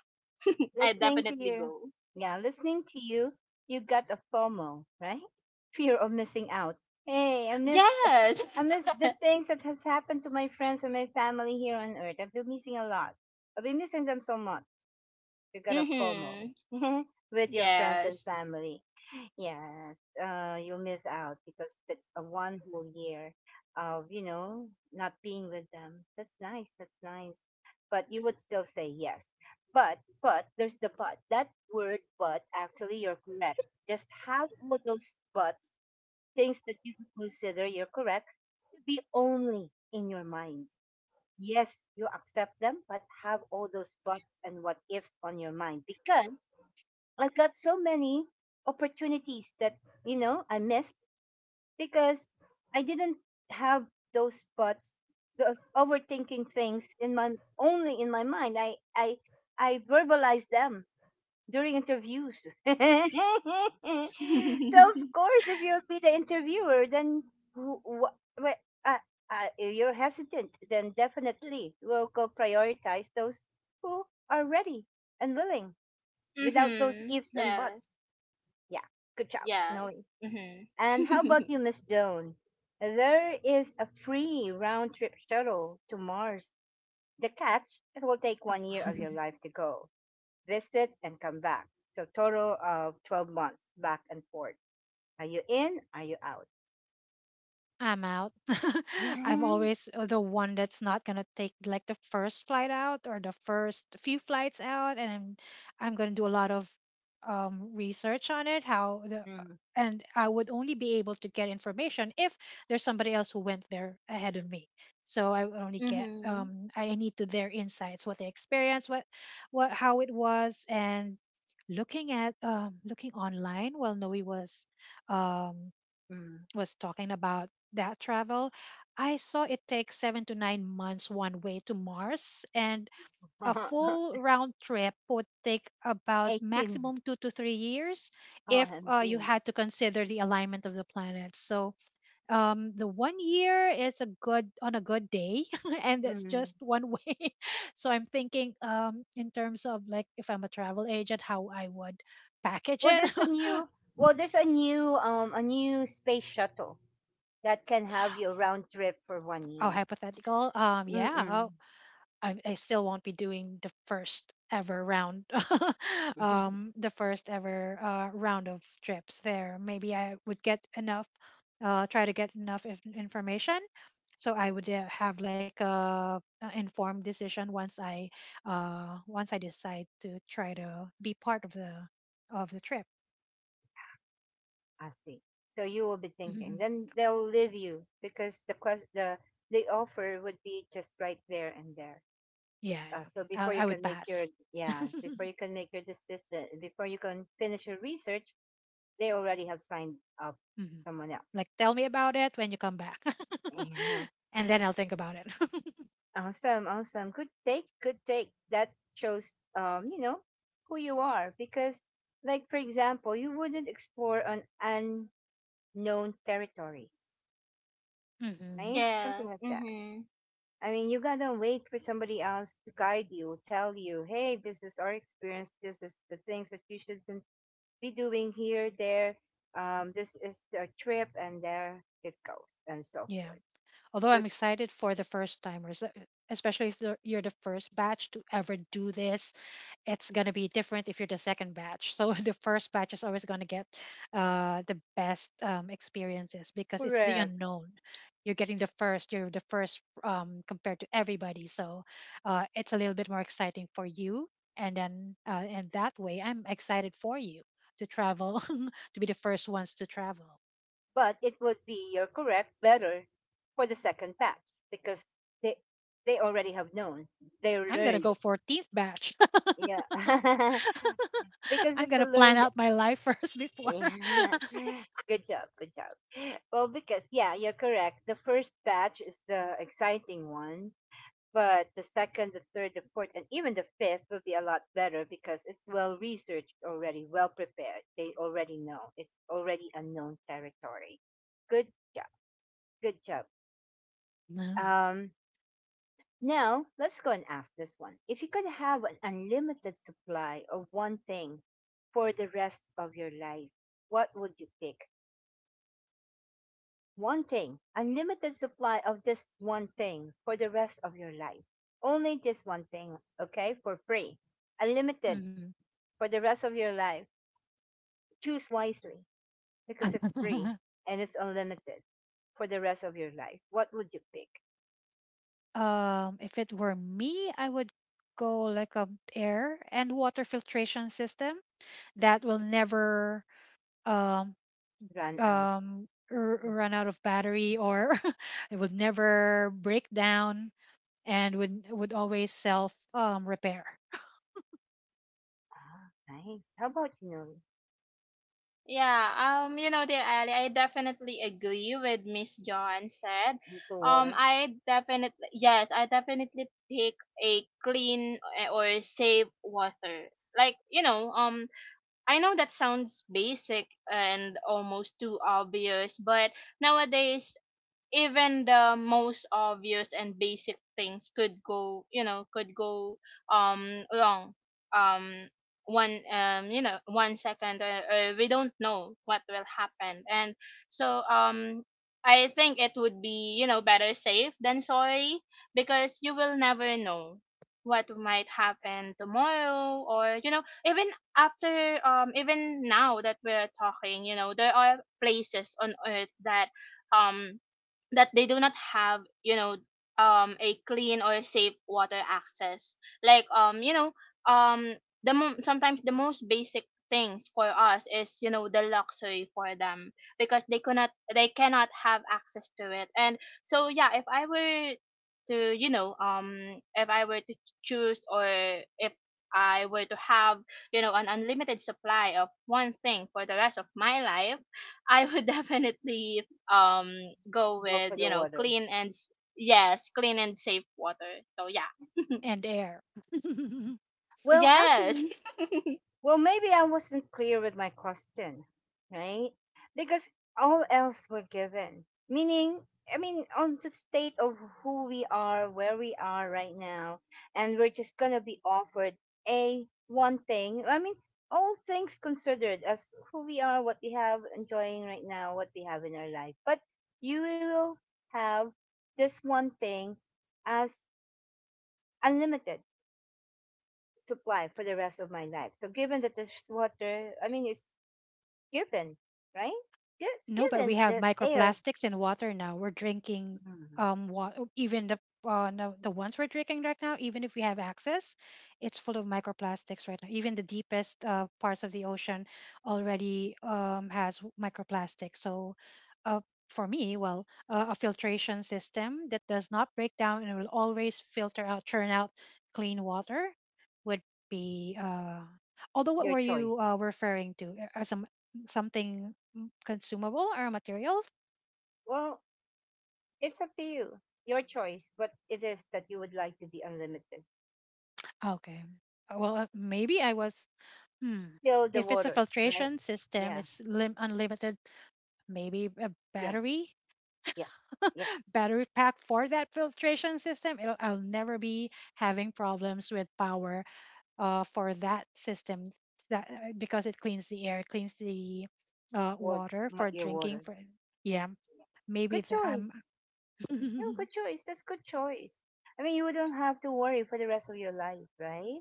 I Listening to definitely you, go. yeah, listening to you, you got a FOMO, right? Fear of missing out. Hey, I missed, Yes. I missed the things that has happened to my friends and my family here on Earth. I've been missing a lot. I've been missing them so much. You got a FOMO Mm-hmm. with your friends and Yes. family. Yeah, you'll miss out because that's a one whole year of, you know, not being with them. That's nice. That's nice. But you would still say yes. There's the but. That word but, actually, you're correct. Just have all those buts, things that you could consider, you're correct, to be only in your mind. Yes, you accept them, but have all those buts and what ifs on your mind, because I got so many opportunities that you know I missed because I didn't have those spots, those overthinking things in my, only in my mind. I I verbalized them during interviews. So of course, if you'll be the interviewer, then wh- wh- wh- uh, if you're hesitant, then definitely we'll go prioritize those who are ready and willing without those Mm-hmm. ifs and Yes. buts. Yeah, good job, Noe. Yes. Mhm. And how about you, Miss Doan? There is a free round trip shuttle to Mars. The catch, it will take 1 year of your life to go, visit, and come back. So, total of 12 months back and forth. Are you in? Are you out? I'm out. I'm always the one that's not gonna take like the first flight out or the first few flights out, and I'm gonna do a lot of research on it. How the. Mm, And I would only be able to get information if there's somebody else who went there ahead of me. So I would only get Mhm. I need to their insights, what they experienced, what how it was, and looking at looking online while Noe um, mm. was talking about that travel, I saw it takes 7 to 9 months one way to Mars, and a full round trip would take about 18. maximum 2 to 3 years if you OMG. had to consider the alignment of the planets. So the 1 year is a good on a good day, and it's Mm. just one way. So I'm thinking in terms of like if I'm a travel agent, how I would package Well, it. there's a new, well, there's a new space shuttle that can have your round trip for one Oh, year. hypothetical. Yeah. Mm-mm. I still won't be doing the first ever round, Mhm. The first ever round of trips there. Maybe I would get enough, try to get enough information. So I would have like a informed decision once I decide to try to be part of the trip. I see. So you will be Yeah, thinking. Then they'll leave you because the quest the offer would be just right there and there. yeah. So I, before you I can would make your pass. Yeah, before you can make your decision, before you can finish your research, they already have signed up Mhm. someone else. Like tell me about it when you come back, Yeah. and then I'll think about it. Awesome, awesome. Good take, good take. That shows you know, who you are, because like for example, you wouldn't explore an unknown territory, Hmm. right? Something Yes. like that. Mhm. I mean, you gotta wait for somebody else to guide you, tell you, hey, this is our experience. This is the things that you be doing here, there. This is the trip, and there it goes, and so Yeah. forth. Although I'm Good, excited for the first timers, especially if you're the first batch to ever do this, it's going to be different if you're the second batch. So the first batch is always going to get the best experiences because it's the correct. unknown. You're getting the first, you're the first compared to everybody. So it's a little bit more exciting for you. And then, and that way, I'm excited for you to travel, to be the first ones to travel. But it would be, you're correct, better for the second batch because they they already have known, they I'm going to learned. go 14th batch. Yeah, because I'm it's a gonna plan learned. out my life first before. Yeah. Good job. Good job. Well, because yeah, you're correct. The first batch is the exciting one, but the second, the third, the fourth, and even the fifth will be a lot better because it's well researched already, well prepared. They already know. It's already unknown territory. Good job. Good job. No. Um Now, let's go and ask this one. If you could have an unlimited supply of one thing for the rest of your life, what would you pick? One thing, unlimited supply of this one thing for the rest of your life. Only this one thing, okay, for free. Unlimited Mhm. for the rest of your life. Choose wisely because it's free and it's unlimited for the rest of your life. What would you pick? If it were me, I would go like a air and water filtration system that will never um Run out. Run out of battery or it would never break down and would always self repair Ah, nice. How about you know? Yeah. Um, you know, the Ali, I definitely agree with Miss John said. Let's go Um, water. I definitely yes. I definitely pick a clean, eh, or safe water. Like you know. I know that sounds basic and almost too obvious, but nowadays, even the most obvious and basic things could go, you know, could go wrong, um one you know one second, or, we don't know what will happen. And so I think it would be, you know, better safe than sorry, because you will never know what might happen tomorrow, or you know, even after, even now that we're talking, you know, there are places on Earth that um that they do not have, you know, a clean or safe water access, like, you know, um sometimes the most basic things for us is, you know, the luxury for them, because they cannot, they cannot have access to it. And so yeah, if I were to, you know, if I were to choose, or if I were to have, you know, an unlimited supply of one thing for the rest of my life, I would definitely, um go Go with, for the you know, water. clean and yes, clean and safe water. So yeah, and air. Well, yes. actually, Well, maybe I wasn't clear with my question, right? Because all else were given. Meaning, I mean, on the state of who we are, where we are right now, and we're just going to be offered a one thing. I mean, all things considered as who we are, what we have enjoying right now, what we have in our life. But you will have this one thing as unlimited supply for the rest of my life. So given that there's water, I mean, it's given, right? It's No, but we given have that they are microplastics in water now. We're drinking mm, even the no, the ones we're drinking right now, even if we have access, it's full of microplastics right now. Even the deepest parts of the ocean already has microplastics. So, uh, for me, well, a filtration system that does not break down and will always filter out, churn out clean water would be. Although, what your were choice. you referring to as some something consumable or a material? Well, it's up to you, your choice, but it is that you would like to be unlimited. Ah, okay. Well, maybe I was. Hmm. Still the If it's a water, right? filtration system, Yeah, it's unlimited. Maybe a yeah, battery, yeah. Yes, battery pack for that filtration system. I'll never be having problems with power for that system that because it cleans the air, cleans the water, water for your drinking. water. For yeah, Yeah. maybe Good that. Choice. No, good choice. That's good choice. I mean, you don't have to worry for the rest of your life, right?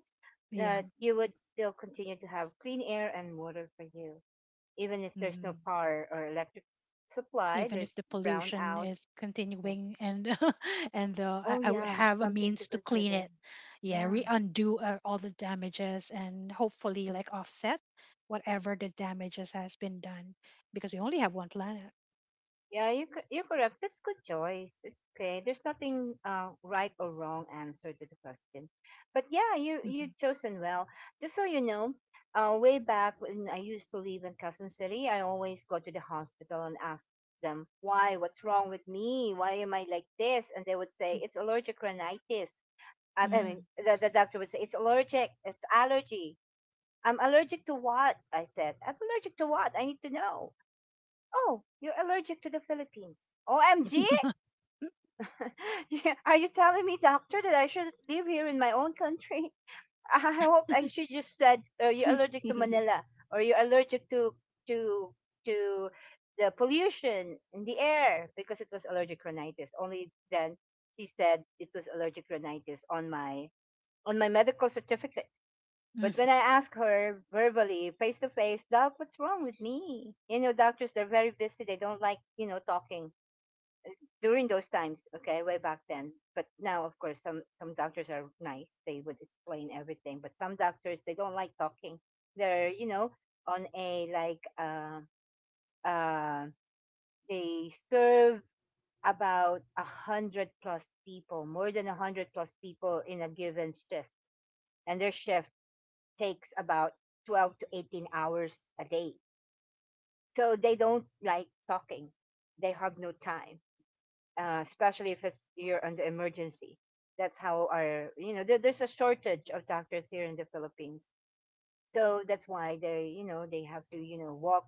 yeah. That you would still continue to have clean air and water for you, even if there's no Mhm. power or electric supply, Even if there's the pollution brownout. is Yeah. continuing and and uh, I, Oh I would yeah, have a something to means to clean consider. it yeah Yeah, re undo all the damages and hopefully like offset whatever the damages has been done because we only have one planet. You're correct. That's good choice. It's okay. There's nothing right or wrong answer to the question, but yeah, you Mm-hmm. chosen well. Just so you know, way back when I used to live in Quezon City, I always go to the hospital and ask them why, what's wrong with me, why am I like this, and they would say it's allergic rhinitis. Mm The doctor would say, it's allergic. It's allergy. I'm allergic to what? I said, I'm allergic to what? I need to know. Oh, you're allergic to the Philippines. OMG! Yeah, are you telling me, doctor, that I should live here in my own country? I hope I should just said, are you allergic to Manila? Or you're allergic to, to the pollution in the air, because it was allergic rhinitis. Only then she said it was allergic rhinitis on my, on my medical certificate. But when I mm. asked her verbally, face to face, Doc, what's wrong with me? You know, doctors, they're very busy. They don't like, you know, talking during those times, okay, way back then. But now, of course, some doctors are nice. They would explain everything. But some doctors, they don't like talking. They're, you know, on a like, uh, they serve about a hundred plus people, more than a hundred plus people in a given shift. And their shift takes about 12 to 18 hours a day. So they don't like talking. They have no time, especially if it's you're under emergency. That's how our, you know, there's a shortage of doctors here in the Philippines. So that's why they, you know, they have to, you know, walk,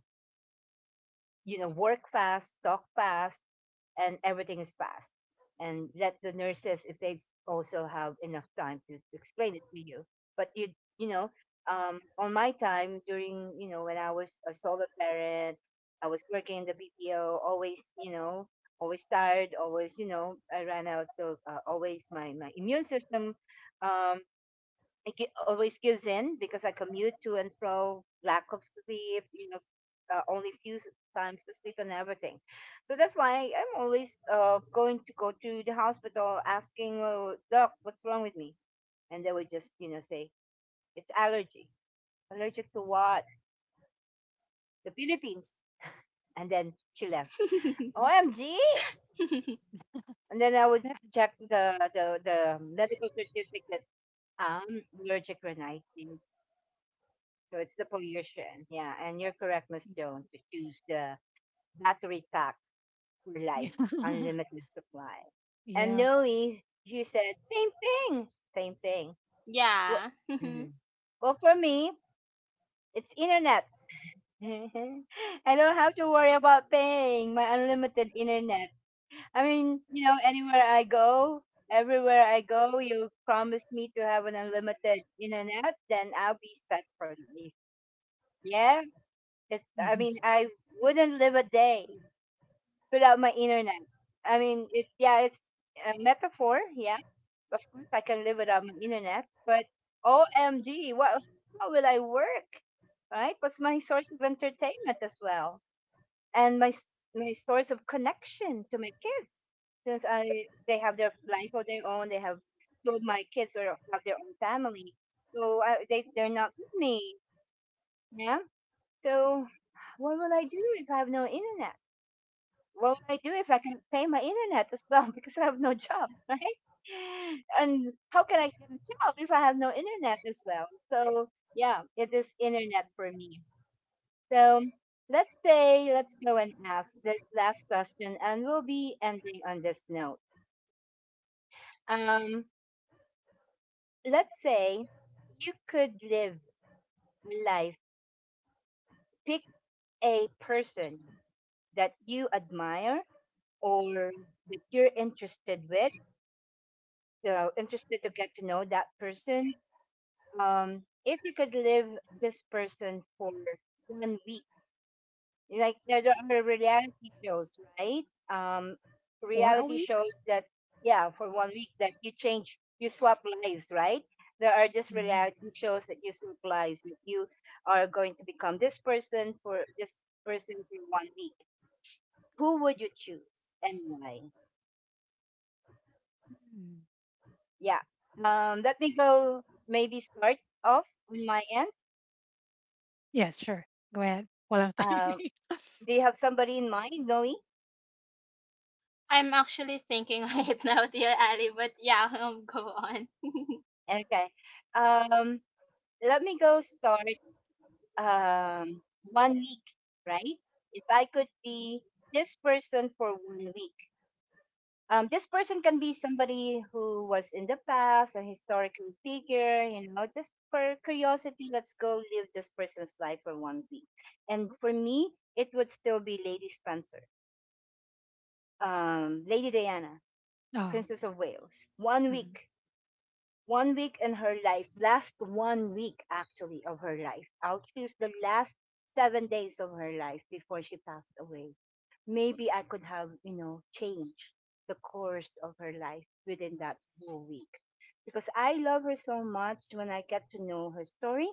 you know, work fast, talk fast, and everything is fast. And let the nurses, if they also have enough time to explain it to you. But you know, on my time during, you know, when I was a solo parent, I was working in the BPO, always, you know, always tired, always, you know, I ran out of always my, my immune system um, always gives in because I commute to and fro, lack of sleep, you know, only times to sleep and everything. So that's why I'm always going to go to the hospital asking, oh, doc, what's wrong with me? And they would just, you know, say, it's allergy. Allergic to what? The Philippines. And then she left. OMG! And then I would check the medical certificate. Allergic rhinitis. So it's the pollution. Yeah. And you're correct, Miss Joan, to choose the battery pack for life, unlimited supply. And Yeah. Noe, you said same thing. Same thing. Well, Yeah. mhm. Well for me, it's internet. I don't have to worry about paying my unlimited internet. I mean, anywhere I go, everywhere I go, you promise me to have an unlimited internet, then I'll be set for life. Yeah, I Mm-hmm. mean, I wouldn't live a day without my internet. I mean, yeah, it's a metaphor. Yeah, of course, I can live without my internet, but OMG, how will I work? Right? What's my source of entertainment as well? And my source of connection to my kids. They have their life of their own, two of my kids or have their own family. So they're not with me. Yeah. So what will I do if I have no internet? What would I do if I can pay my internet as well, because I have no job, right? And how can I get a job if I have no internet as well? So yeah, it is internet for me. So let's go and ask this last question, and we'll be ending on this note. Um, let's say you could live life. Pick a person that you admire or that you're interested with, so interested to get to know that person, if you could live this person for 1 week, like there are reality shows, right? Um, For a Reality week. shows that, yeah, for 1 week that you change, you swap lives, right? There are just Mm-hmm. reality shows that you swap lives. That you are going to become this person for 1 week. Who would you choose and why? Yeah. Let me go. Maybe start off on my end. Yeah, sure, go ahead while I'm Um, thinking. do you have somebody in mind, Noe? I'm actually thinking right now, dear Ali, but yeah, go on. Okay. Um, Let me go start um, 1 week, right? If I could be this person for 1 week, this person can be somebody who was in the past, a historical figure, just for curiosity, let's go live this person's life for 1 week. And for me, it would still be Lady Spencer, Lady Diana, Oh. Princess of Wales. One Mhm. week 1 week in her life, last 1 week actually of her life. I'll choose the last 7 days of her life before she passed away. Maybe I could have, changed the course of her life within that whole week. Because I love her so much when I get to know her story.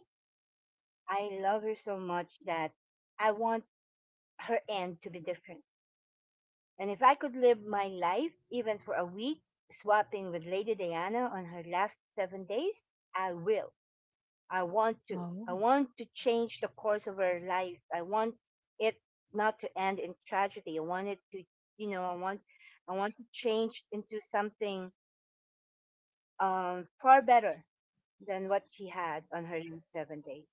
I love her so much that I want her end to be different. And if I could live my life even for a week, swapping with Lady Diana on her last 7 days, I will. I want to. Oh. I want to change the course of our life. I want it not to end in tragedy. I want it to, you know, I want to change into something far better than what she had on her last 7 days.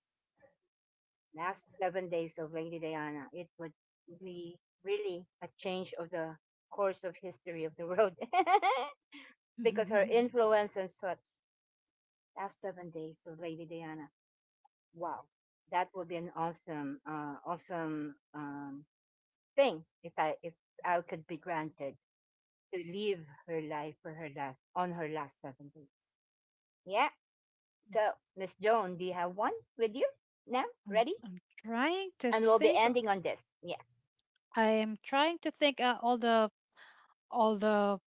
Last 7 days of Lady Diana, it would be really a change of the course of history of the world because her influence and such. Last 7 days of Lady Diana. Wow, that would be an awesome, thing if I could be granted to live her life for her last on her last 7 days. Yeah. So, Miss Joan, do you have one with you now? I'm, Ready? I'm trying to And we'll be think. ending on this. Yes. I am trying to think all the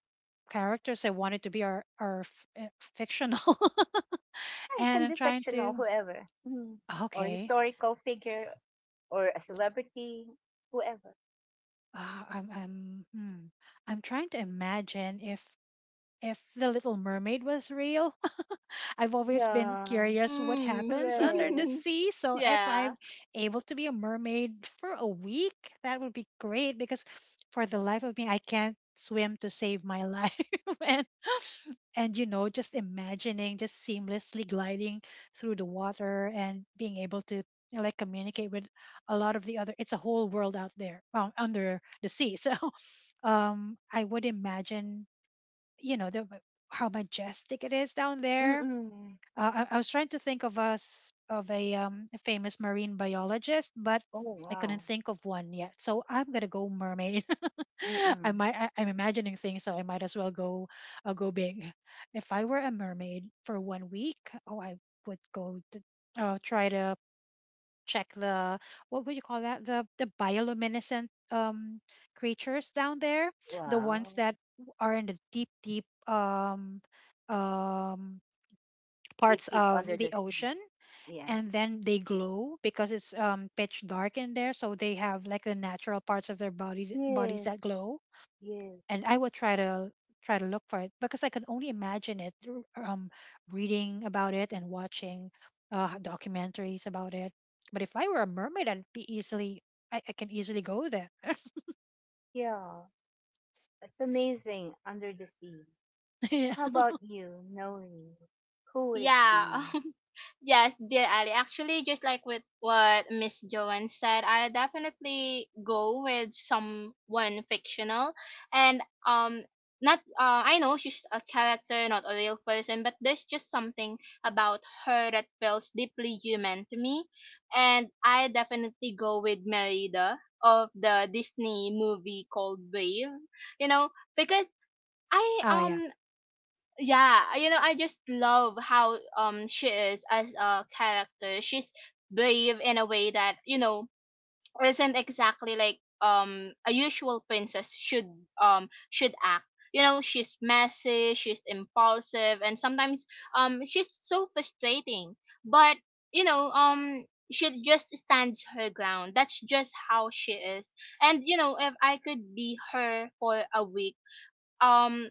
characters I wanted to be are fictional, Yeah, it and can I'm be trying fictional, to whoever. Mhm. Or okay. historical figure, or a celebrity, whoever. Uh, I'm I'm hmm, I'm trying to imagine if the Little Mermaid was real. I've always been Yeah. curious what Mm. happens under the Hooray. sea. So if Yeah. I'm able to be a mermaid for a week, that would be great because for the life of me, I can't swim to save my life, and and you know just imagining just seamlessly gliding through the water and being able to you know, like communicate with a lot of the other it's a whole world out there under the sea. So I would imagine you know how majestic it is down there. Mm-mm. I was trying to think of us of a famous marine biologist but Oh I couldn't wow. think of one yet so I'm gonna go mermaid. I Mm-mm. might I'm imagining things, so I might as well go go big. If I were a mermaid for one week, oh, I would go to, try to check the what would you call that the bioluminescent creatures down there, the ones Wow. that are in the deep deep um They parts peep of under the the sea. ocean. Yeah. And then they glow because it's pitch dark in there, so they have like the natural parts of their body bodies Yes. that glow Yes. and I would try to try to look for it because I can only imagine it through reading about it and watching documentaries about it. But if I were a mermaid, I'd be easily I can easily go there. Yeah. It's amazing under the sea. Yeah. How about you, Noli? Who would it Yeah. be? Yes, dear Ali. Actually, just like with what Miss Joanne said, I definitely go with someone fictional, and, not, I know she's a character, not a real person, but there's just something about her that feels deeply human to me, and I definitely go with Merida of the Disney movie called Brave. You know, because I, Oh yeah, yeah, you know, I just love how, she is as a character. She's brave in a way that you know isn't exactly like, a usual princess should, should act. You know, she's messy, she's impulsive, and sometimes, she's so frustrating, but you know, she just stands her ground. That's just how she is. And you know, if I could be her for a week, um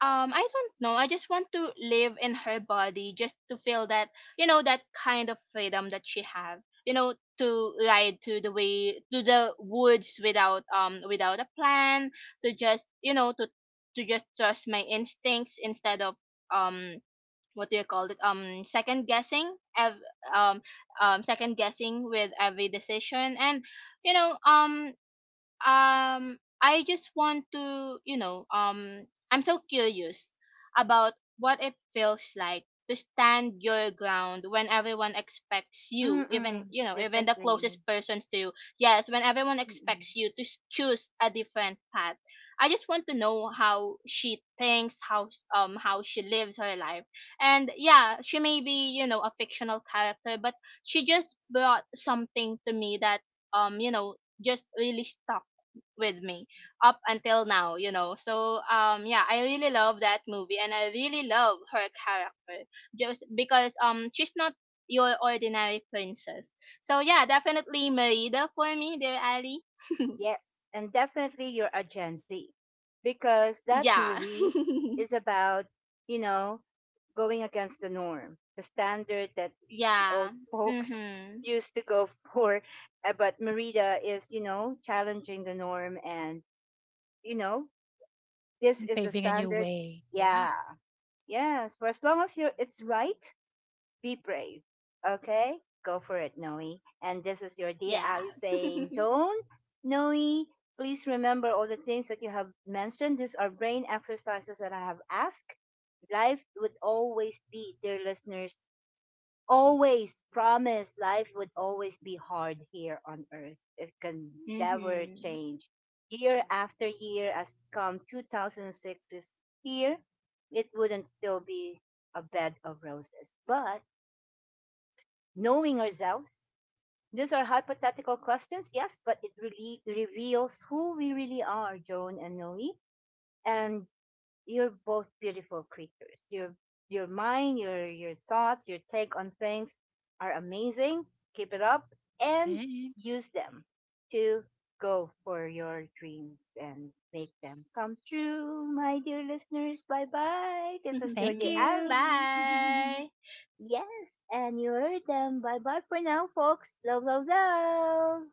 I don't know. I just want to live in her body just to feel that, you know, that kind of freedom that she have. You know, to ride to the way to the woods without, without a plan, to just, you know, to just trust my instincts instead of, um what do you call it, second guessing ev- um second guessing with every decision. And you know, I just want to, you know, I'm so curious about what it feels like to stand your ground when everyone expects you, even Mm-mm. you know, even the closest Differently. persons to you. Yes, when everyone Mm-mm. expects you to choose a different path. I just want to know how she thinks, how she lives her life. And yeah, she may be, you know, a fictional character, but she just brought something to me that, you know, just really stuck with me up until now, you know. So yeah, I really love that movie and I really love her character just because, she's not your ordinary princess. So yeah, definitely Merida for me, dear Ali. Yes. And definitely you're a Gen Z. Because that Yeah. movie is about, you know, going against the norm, the standard that the old Yeah. folks Mhm. used to go for. But Merida is, challenging the norm, and you know, this and is the paving a new standard. way. Yeah. Yeah. Yes. For as long as you're it's right, be brave. Okay? Go for it, Noe. And this is your dear Yeah. Ali saying, Joan, Noe, please remember all the things that you have mentioned. These are brain exercises that I have asked. Life would always be, dear listeners, always promise life would always be hard here on earth. It can never Mhm. change. Year after year, as come 2006 is here, it wouldn't still be a bed of roses. But knowing ourselves, these are hypothetical questions, yes, but it really reveals who we really are, Joan and Noe. And you're both beautiful creatures. Your mind, your thoughts, your take on things are amazing. Keep it up and Thank use them to go for your dreams and make them come true, my dear listeners. Bye bye. This is your Thank dear Ali. you. Bye. Yes, and you heard them. Bye bye for now, folks. Love, love, love.